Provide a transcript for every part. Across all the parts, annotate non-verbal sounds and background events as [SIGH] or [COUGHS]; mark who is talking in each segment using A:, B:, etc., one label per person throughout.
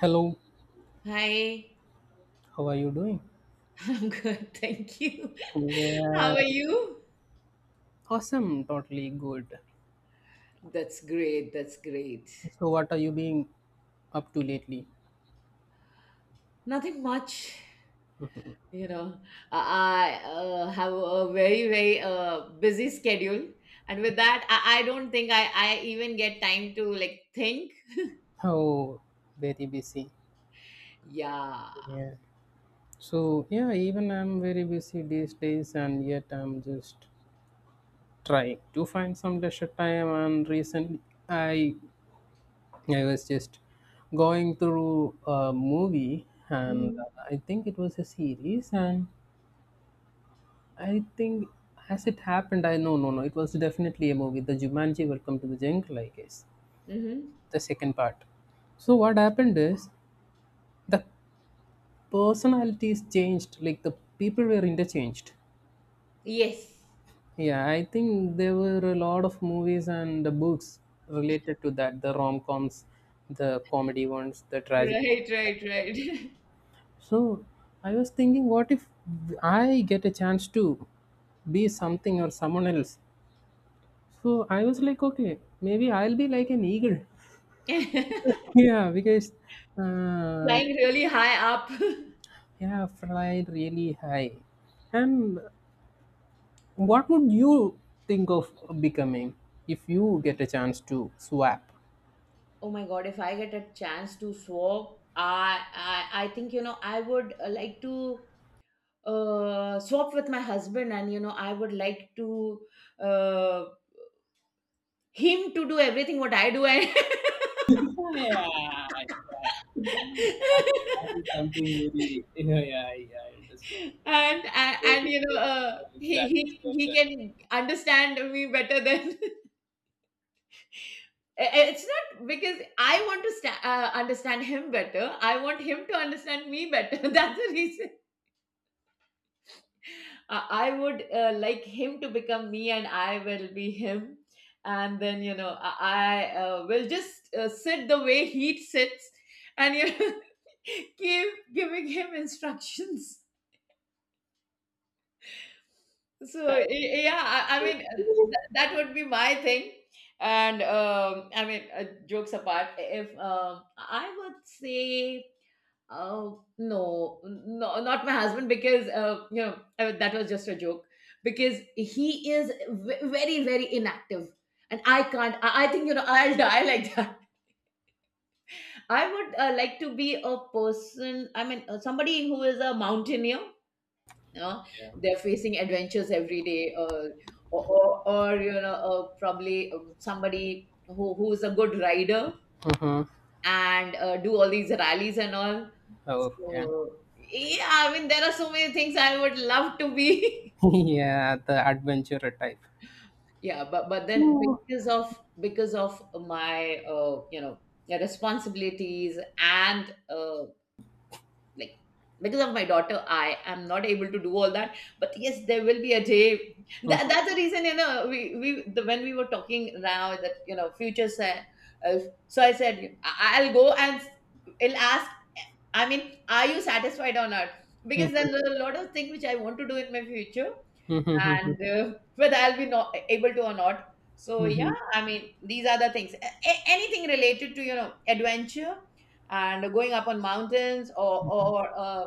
A: Hello,
B: Hi,
A: how are you doing?
B: [LAUGHS] I'm good, thank you. [LAUGHS]
A: Yeah,
B: How are you?
A: awesome, totally good.
B: That's great, that's great.
A: So, what are you being up to lately?
B: Nothing much, you know. I, have a very, very busy schedule, and with that, I don't think I even get time to like think.
A: Oh, very busy.
B: Yeah.
A: Yeah. So, yeah, even I'm very busy these days, and yet I'm just trying to find some leisure time. And recently, I I was just going through a movie, and
B: Mm-hmm.
A: I think it was a series, and I think as it happened, I no, no, no. It was definitely a movie, the Jumanji Welcome to the Jungle, I guess,
B: Mm-hmm.
A: the second part. So what happened is the personalities changed, like the people were interchanged.
B: Yes.
A: Yeah, I think there were a lot of movies and the books related to that, the rom coms, the comedy ones, the tragedy.
B: Right, right, right. [LAUGHS]
A: So I was thinking, what if I get a chance to be something or someone else? So I was like, okay, maybe I'll be like an eagle. [LAUGHS]
B: Flying
A: Yeah, because uh,
B: really high up. [LAUGHS]
A: yeah, fly really high. And what would you think of becoming if you get a chance to swap?
B: Oh my God, if I get a chance to swap, I think I would like to swap with my husband, and I would like to uh, him to do everything what I do, and
A: Yeah, yeah. That
B: [LAUGHS]
A: is that is something very. [LAUGHS] Yeah, yeah, yeah, I understand.
B: and, and,
A: That
B: and
A: is what,
B: he,
A: family
B: he
A: loves,
B: he
A: and
B: can understand me better than. [LAUGHS] It's not because I want to understand him better. I want him to understand me better. [LAUGHS] That's the reason. I would like him to become me and I will be him. And then, I will just sit the way he sits and, [LAUGHS] keep giving him instructions. So, yeah, I mean, that would be my thing. And I mean, jokes apart, if I would say oh no, no, not my husband because that was just a joke because he is very very inactive and I can't. I think I'll [LAUGHS] die like that. [LAUGHS] I would like to be a person. I mean somebody who is a mountaineer. You know, they're facing adventures every day, or probably somebody who is a good rider
A: Uh-huh.
B: and do all these rallies and all.
A: Okay.
B: So yeah, I mean there are so many things I would love to be.
A: [LAUGHS] Yeah, the adventurer type.
B: [LAUGHS] Yeah, but then
A: So.
B: because of my yeah, responsibilities and like because of my daughter, I am not able to do all that. But yes, there will be a day. That,
A: Mhm.
B: that's the reason when we were talking now that future. Uh, so I said I'll go and I'll ask. I mean, are you satisfied or not? Because there are a lot of things which I want to do in my future,
A: Mhm.
B: and
A: [LAUGHS]
B: whether I'll be not able to or not. So yeah,
A: Mhm.
B: I mean, these are the things. Anything related to adventure and going up on mountains or uh,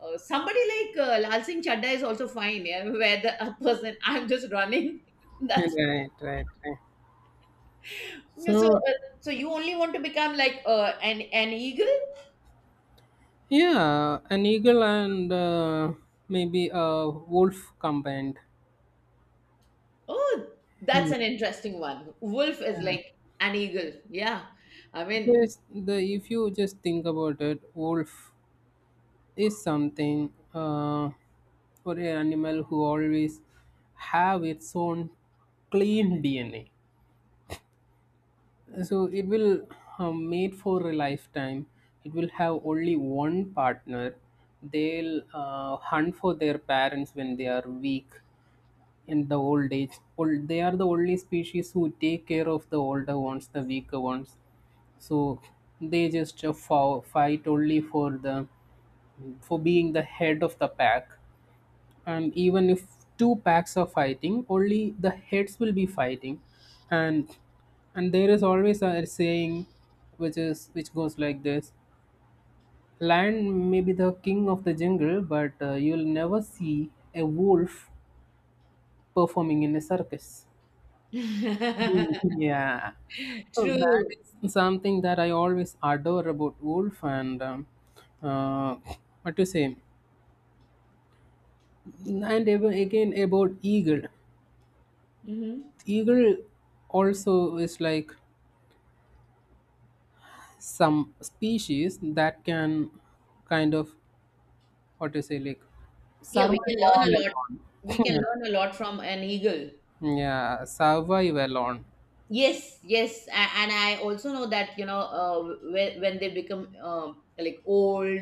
B: uh, somebody like Lal Singh Chadda is also fine. Yeah, [LAUGHS] where the a person [LAUGHS] I'm just running. [LAUGHS]
A: [LAUGHS]
B: That's
A: Right, right, right.
B: it. So.
A: So,
B: So you only want to become like an eagle.
A: yeah, an eagle and maybe a wolf combined.
B: Oh, that's
A: Hmm.
B: an interesting one. Wolf is
A: Yeah,
B: like an eagle. Yeah. I mean,
A: because the if you just think about it, wolf is something for an animal who always have its own clean DNA. So it will made for a lifetime. It will have only one partner. They'll hunt for their parents when they are weak in the old age old, they are the only species who take care of the older ones, the weaker ones. So they just fight only for being the head of the pack. And even if two packs are fighting, only the heads will be fighting. And and there is always a saying, which goes like this: lion may be the king of the jungle, but you'll never see a wolf performing in a circus. [LAUGHS]
B: [LAUGHS]
A: Mm, yeah, so that
B: true.
A: is something that I always adore about wolf. And uh, what to say, and again about eagle
B: Hmm.
A: eagle also is like some species that can kind of what to say like
B: Yeah, we can
A: survive
B: learn
A: all
B: a lot. We can
A: alone. [LAUGHS]
B: learn a lot from an eagle.
A: Yeah. Yeah, survive alone.
B: Yes, yes. And I also know that, when they become like old,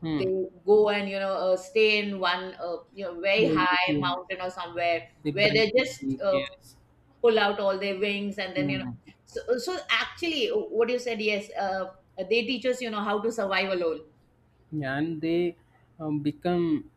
A: Hmm.
B: they go and, stay in one, very
A: Place,
B: high
A: yes.
B: mountain or somewhere
A: They
B: where
A: break
B: they're just
A: the cares.
B: pull out all their wings, and then
A: Hmm.
B: so actually what you said, yes, they teach us how to survive alone.
A: And they become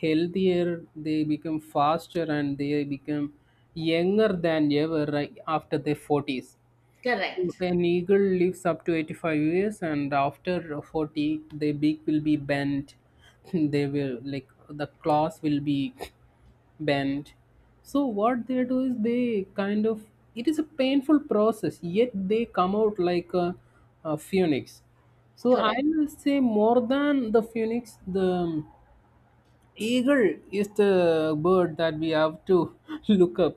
A: healthier, they become faster, and they become younger than ever right after their 40s.
B: Correct.
A: An eagle lives up to 85 years, and after 40, their beak will be bent. [LAUGHS] They will, like, the claws will be [LAUGHS] bent. So, what they do is they kind of, it is a painful process, yet they come out like a phoenix. So, I
B: Correct.
A: will say more than the phoenix, the Eagle is the bird that we have to [LAUGHS] look up.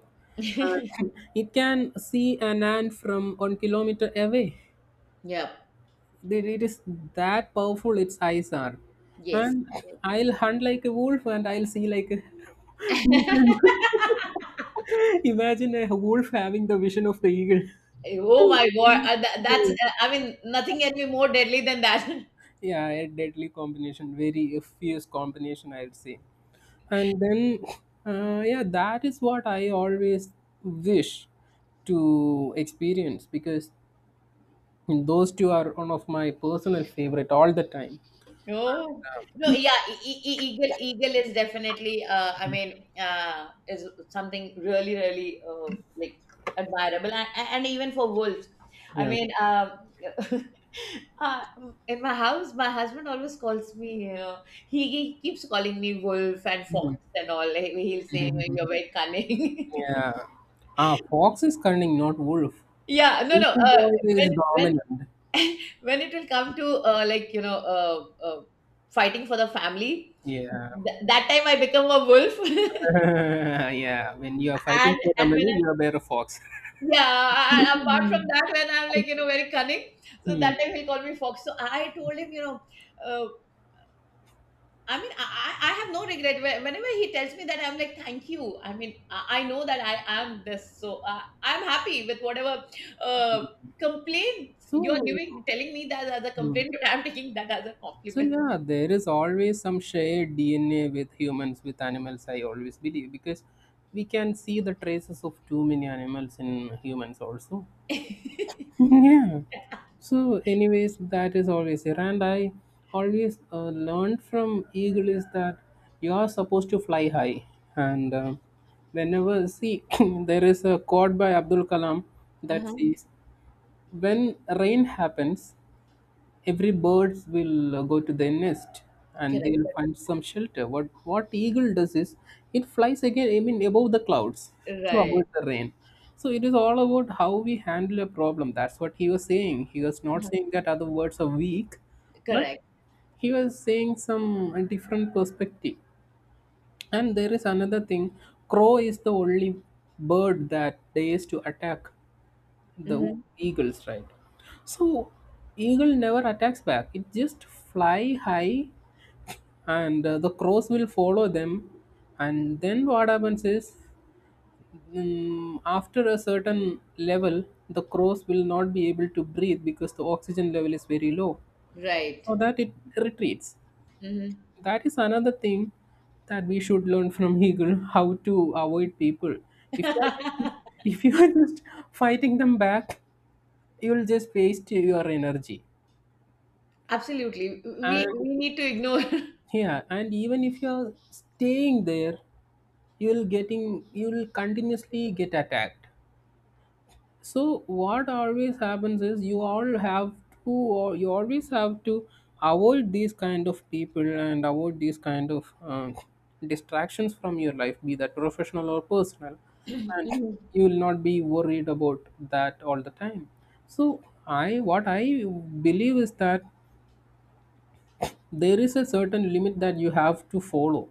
A: And it can see an ant from 1 kilometer away.
B: Yep.
A: It is that powerful its eyes are.
B: Yes.
A: And I'll hunt like a wolf, and I'll see like a [LAUGHS] eagle. [LAUGHS] Imagine a wolf having the vision of the eagle.
B: Oh my God, that's I mean nothing can be more deadly than that. [LAUGHS]
A: Yeah, a deadly combination, very fierce combination, I'd say. And then yeah, that is what I always wish to experience, because those two are one of my personal favorite all the time.
B: Oh, no, yeah, eagle is definitely, I mean, is something really, really like admirable, and, even for wolves. I
A: Yeah.
B: mean, [LAUGHS] uh, in my house, my husband always calls me, he keeps calling me wolf and fox and all. He'll say, "You're
A: [LAUGHS]
B: very cunning." [LAUGHS]
A: Yeah. Ah, fox is cunning, not wolf.
B: Yeah, no, no.
A: Wolf is
B: When
A: dominant.
B: [LAUGHS] when it will come to like uh, fighting for the family,
A: Yeah.
B: that time I become a wolf. [LAUGHS]
A: [LAUGHS] Yeah, when you are fighting
B: and
A: for the
B: and
A: money you are bear a fox.
B: yeah, and apart from
A: [LAUGHS]
B: that when I'm like very cunning, so that
A: Hmm.
B: time he'll call me fox. So I told him, uh, I mean, I have no regret. Whenever he tells me that, I'm like, thank you, I mean, I know that I am this, so I'm happy with whatever uh, complaints you are
A: So.
B: giving, telling me that as a
A: Hmm.
B: complaint but I'm taking that as a
A: So
B: compliment.
A: yeah, there is always some shared DNA with humans, with animals. I always believe because we can see the traces of too many animals in humans also. [LAUGHS] Yeah. So, anyways, that is always there, and I always learned from eagle is that you are supposed to fly high, and whenever see [COUGHS] [CLEARS THROAT] there is a quote by Abdul Kalam that says, "When rain happens, every birds will go to their nest, and
B: Correct.
A: they'll find some shelter. What eagle does is it flies again, I mean above the clouds, to
B: Right.
A: avoid the rain. So it is all about how we handle a problem. That's what he was saying. He was not
B: Uh-huh.
A: saying that other words are weak, but
B: Correct.
A: he was saying some a different perspective. And there is another thing: crow is the only bird that dares to attack the
B: Hmm.
A: eagles, right? So eagle never attacks back, it just fly high, and the crows will follow them. And then what happens is, after a certain level, the crows will not be able to breathe because the oxygen level is very low,
B: Right.
A: so that it retreats.
B: Hmm.
A: That is another thing that we should learn from [LAUGHS] eagle: how to avoid people. if you are
B: [LAUGHS]
A: just if you are just fighting them back, you'll just waste your energy.
B: Absolutely. We
A: And
B: we need to ignore. [LAUGHS]
A: yeah, and even if you're staying there, you'll continuously get attacked. So what always happens is, you always have to avoid these kind of people, and avoid these kind of distractions from your life, be that professional or personal. And
B: Mhm.
A: you will not be worried about that all the time. So, I what I believe is that there is a certain limit that you have to follow.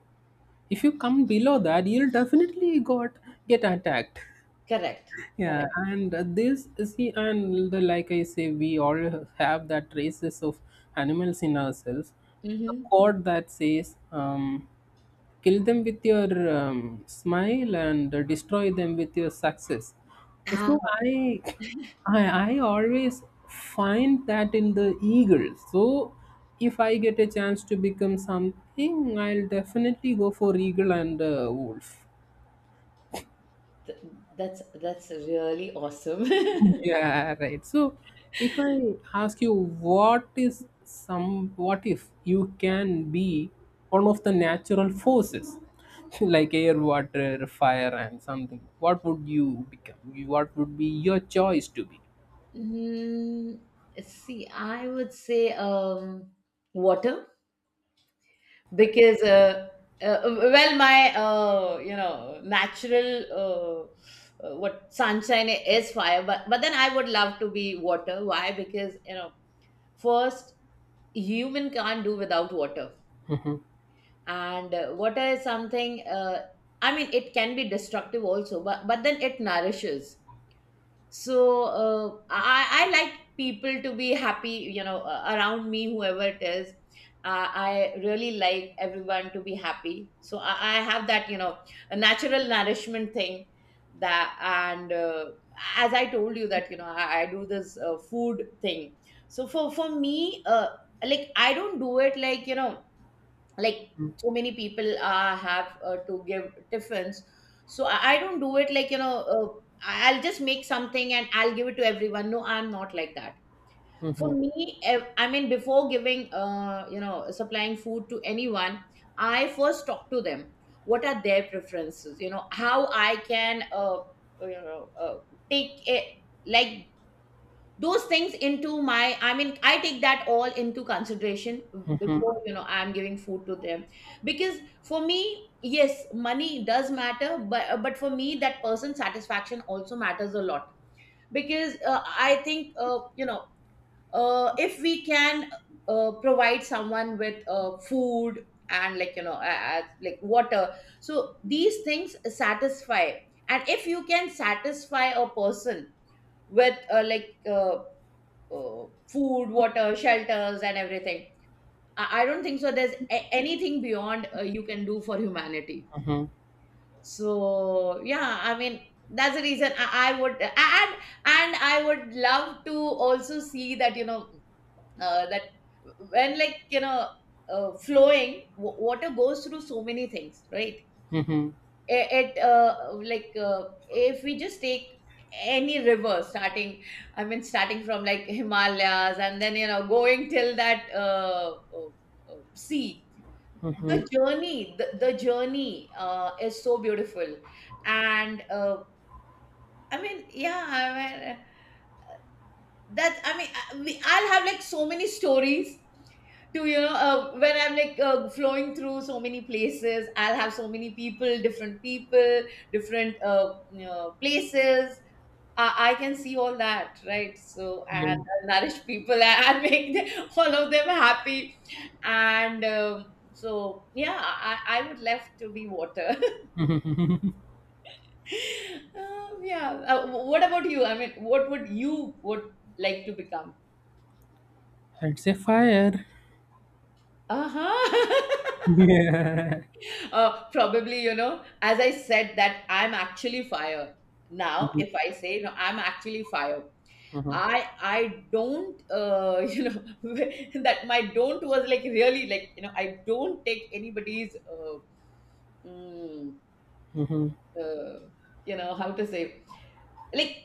A: If you come below that, you'll definitely got get attacked.
B: Correct.
A: Yeah,
B: Correct.
A: and this see and the, like I say, we all have that traces of animals in ourselves. The
B: Hmm.
A: quote that says, kill them with your smile, and destroy them with your success.
B: Ah,
A: So i I always find that in the eagle. So if I get a chance to become something, I'll definitely go for eagle and wolf.
B: th- that's really awesome. [LAUGHS]
A: Yeah, right. So if I ask you, what is some what if you can be one of the natural forces, [LAUGHS] like air, water, fire and something, what would you become? What would be your choice to be?
B: Mm, see, I would say water, because uh, well, my natural, uh, what sunshine is fire, but then I would love to be water. Why? Because first, human can't do without water,
A: [LAUGHS]
B: and water is something, I mean it can be destructive also, but then it nourishes. So I like people to be happy, around me, whoever it is. Uh, I really like everyone to be happy, so I have that, a natural nourishment thing. That and as I told you, that I do this food thing. So for me, like, I don't do it like, like so many people have to give tiffins. So I don't do it like I'll just make something and I'll give it to everyone. No, I'm not like that. For
A: Mhm,
B: me I mean, before giving, supplying food to anyone, I first talk to them, what are their preferences, how I can, you know uh, take it, like, those things into my, I mean I take that all into consideration
A: mhm,
B: before, I'm giving food to them. Because for me, yes, money does matter, but for me that person satisfaction also matters a lot. Because I think, if we can, provide someone with food and like, like water, so these things satisfy. And if you can satisfy a person with, like, uh, food, water, shelters, and everything, I don't think so there's anything beyond you can do for humanity.
A: mhm, mhm,
B: So yeah, I mean that's the reason I would, and I would love to also see that, that when, like, flowing water goes through so many things, right?
A: mhm.
B: At, like, if we just take any river, starting I mean starting from, like, Himalayas, and then going till that, sea. The journey, the journey is so beautiful. And I mean, yeah, that, I mean, I'll have like so many stories to, when I'm like, flowing through so many places, I'll have so many people, different people, different, places. I can see all that, right? So,
A: Yeah.
B: and I'll nourish people and [LAUGHS] make them, all of them, happy. And so yeah, I would love to be water. [LAUGHS] Um, yeah, what about you? I mean, what would you would like to become?
A: I'd say fire.
B: Uh-huh. [LAUGHS]
A: [LAUGHS] Yeah.
B: Probably, as I said, that I'm actually fire. Now,
A: Mhm,
B: if I say no, I'm actually fire.
A: mhm,
B: I don't, [LAUGHS] [LAUGHS] that my don't was like really, like, I don't take anybody's, mm,
A: mhm, mhm,
B: uh, you know how to say, like,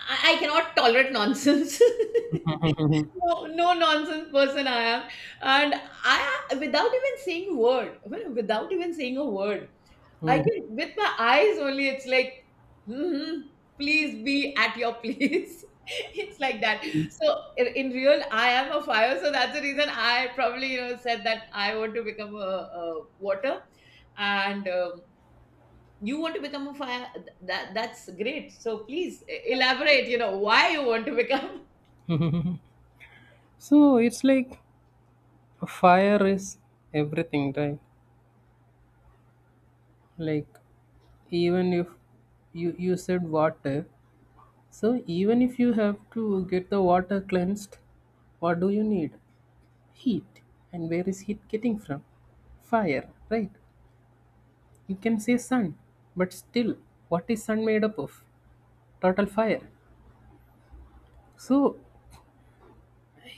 B: I cannot tolerate nonsense.
A: mhm.
B: [LAUGHS] No, no nonsense person I am, and I, without even saying word, well, without even saying a word, I
A: Mhm.
B: can with my eyes only. It's like, "Mhm, please be at your place." [LAUGHS] It's like that. So, in real, I am a fire. So that's the reason I probably, said that I want to become a, water, and you want to become a fire. That's great. So please elaborate. You know why you want to become.
A: So it's like fire is everything, right? Like even if you said water. So even if you have to get the water cleansed, what do you need? Heat. And where is heat getting from? Fire, right? You can say sun, but still, what is sun made up of? Total fire. So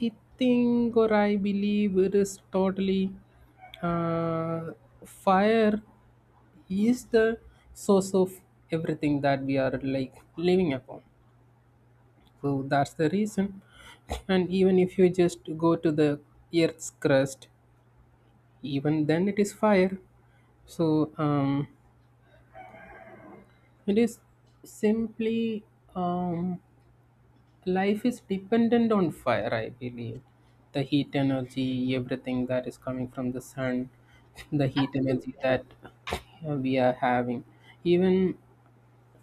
A: I think, or I believe, it is totally uh, fire is the source of everything that we are like living upon. So that's the reason. And even if you just go to the Earth's crust, even then it is fire. So it is simply um, life is dependent on fire, I believe. The heat energy, everything that is coming from the sun, the
B: [LAUGHS]
A: heat energy
B: Absolutely.
A: that we are having. Even,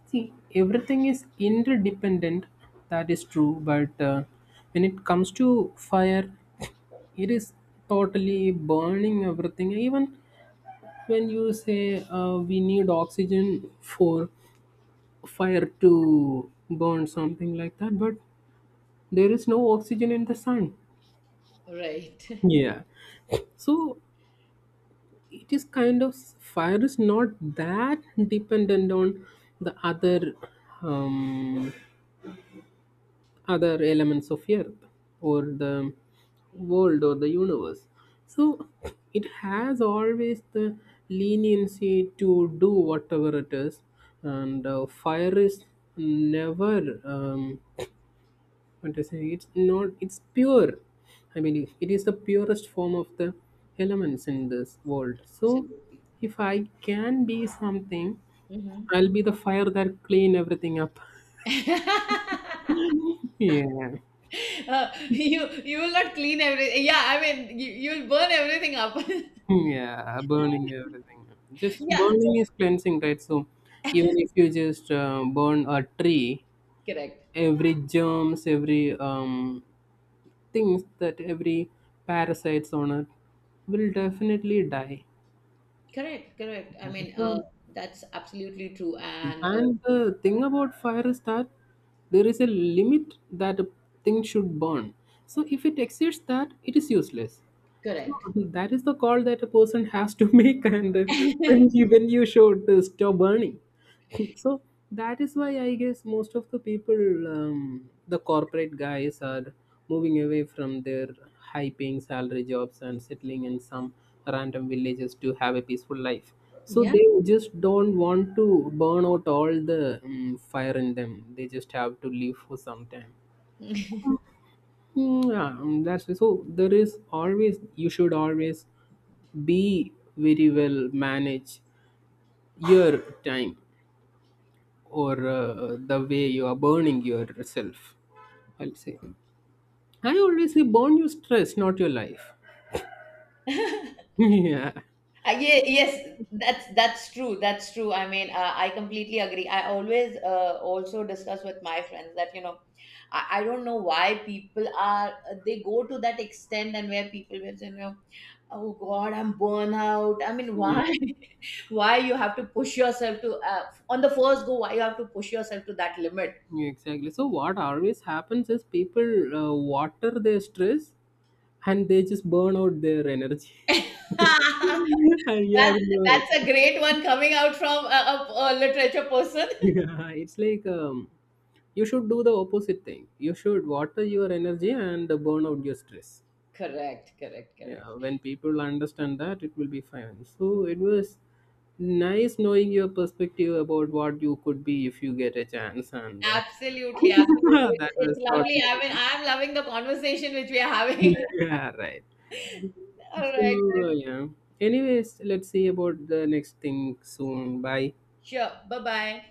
A: see, everything is interdependent, that is true, but when it comes to fire, it is totally burning everything. Even when you say we need oxygen for fire to burn something like that, but there is no oxygen in the sun.
B: Right.
A: Yeah. So it is kind of, fire is not that dependent on the um, other elements of earth, or the world, or the universe. So it has always the leniency to do whatever it is. And fire is never what to say, it's not, it's pure. I mean, it is the purest form of the elements in this world.
B: [LAUGHS]
A: So
B: Absolutely.
A: if I can be something,
B: Mhm.
A: I'll be the fire that clean everything up.
B: [LAUGHS]
A: [LAUGHS] Yeah.
B: You will not clean everything. Yeah, I mean you'll burn everything up. [LAUGHS]
A: Yeah, burning everything. Just
B: Yeah,
A: burning is cleansing, right? So even if you just burn a tree,
B: correct,
A: every germs, every things, that every parasites on it will definitely die.
B: correct, correct. I
A: Yeah.
B: mean,
A: So,
B: that's absolutely true, and
A: and the thing about fire is that there is a limit that a thing should burn. So if it exceeds that, it is useless.
B: correct.
A: [LAUGHS] That is the call that a person has to [LAUGHS] make, and when you showed stop burning, [LAUGHS] so that is why I guess most of the people, the corporate guys, are moving away from their high-paying salary jobs and settling in some random villages to have a peaceful life. So
B: Yeah.
A: they just don't want to burn out all the fire in them. They just have to live for some time.
B: [LAUGHS]
A: Hmm, yeah, mm, that's why. So. There is always You should always be very well manage your time, or the way you are burning yourself. I'll say, I always say, burn your stress, not your life. [LAUGHS] Yeah.
B: Yeah, yes, that's true. That's true. I mean, I completely agree. I always, also discuss with my friends that, I don't know why people are they go to that extent, and where people will say, oh God, I'm burnout. I mean,
A: Yeah,
B: why, [LAUGHS] why you have to push yourself to, on the first go? Why you have to push yourself to that limit?
A: yeah, exactly. So what always happens is, people water their stress, and they just burn out their energy. [LAUGHS]
B: [LAUGHS]
A: Yeah, yeah.
B: That's that's a great one coming out from a literature person.
A: [LAUGHS] Yeah, it's like you should do the opposite thing. You should water your energy and burn out your stress.
B: Correct, correct, correct.
A: Yeah, when people understand that, it will be fine. So it was nice knowing your perspective about what you could be if you get a chance, and
B: Absolutely, absolutely.
A: [LAUGHS] that
B: It's,
A: was
B: it's lovely.
A: totally
B: I mean, I'm loving the conversation which we are having.
A: yeah, [LAUGHS] right.
B: [LAUGHS] All right.
A: So yeah. Anyways, let's see about the next thing soon. Bye.
B: Sure. Bye bye.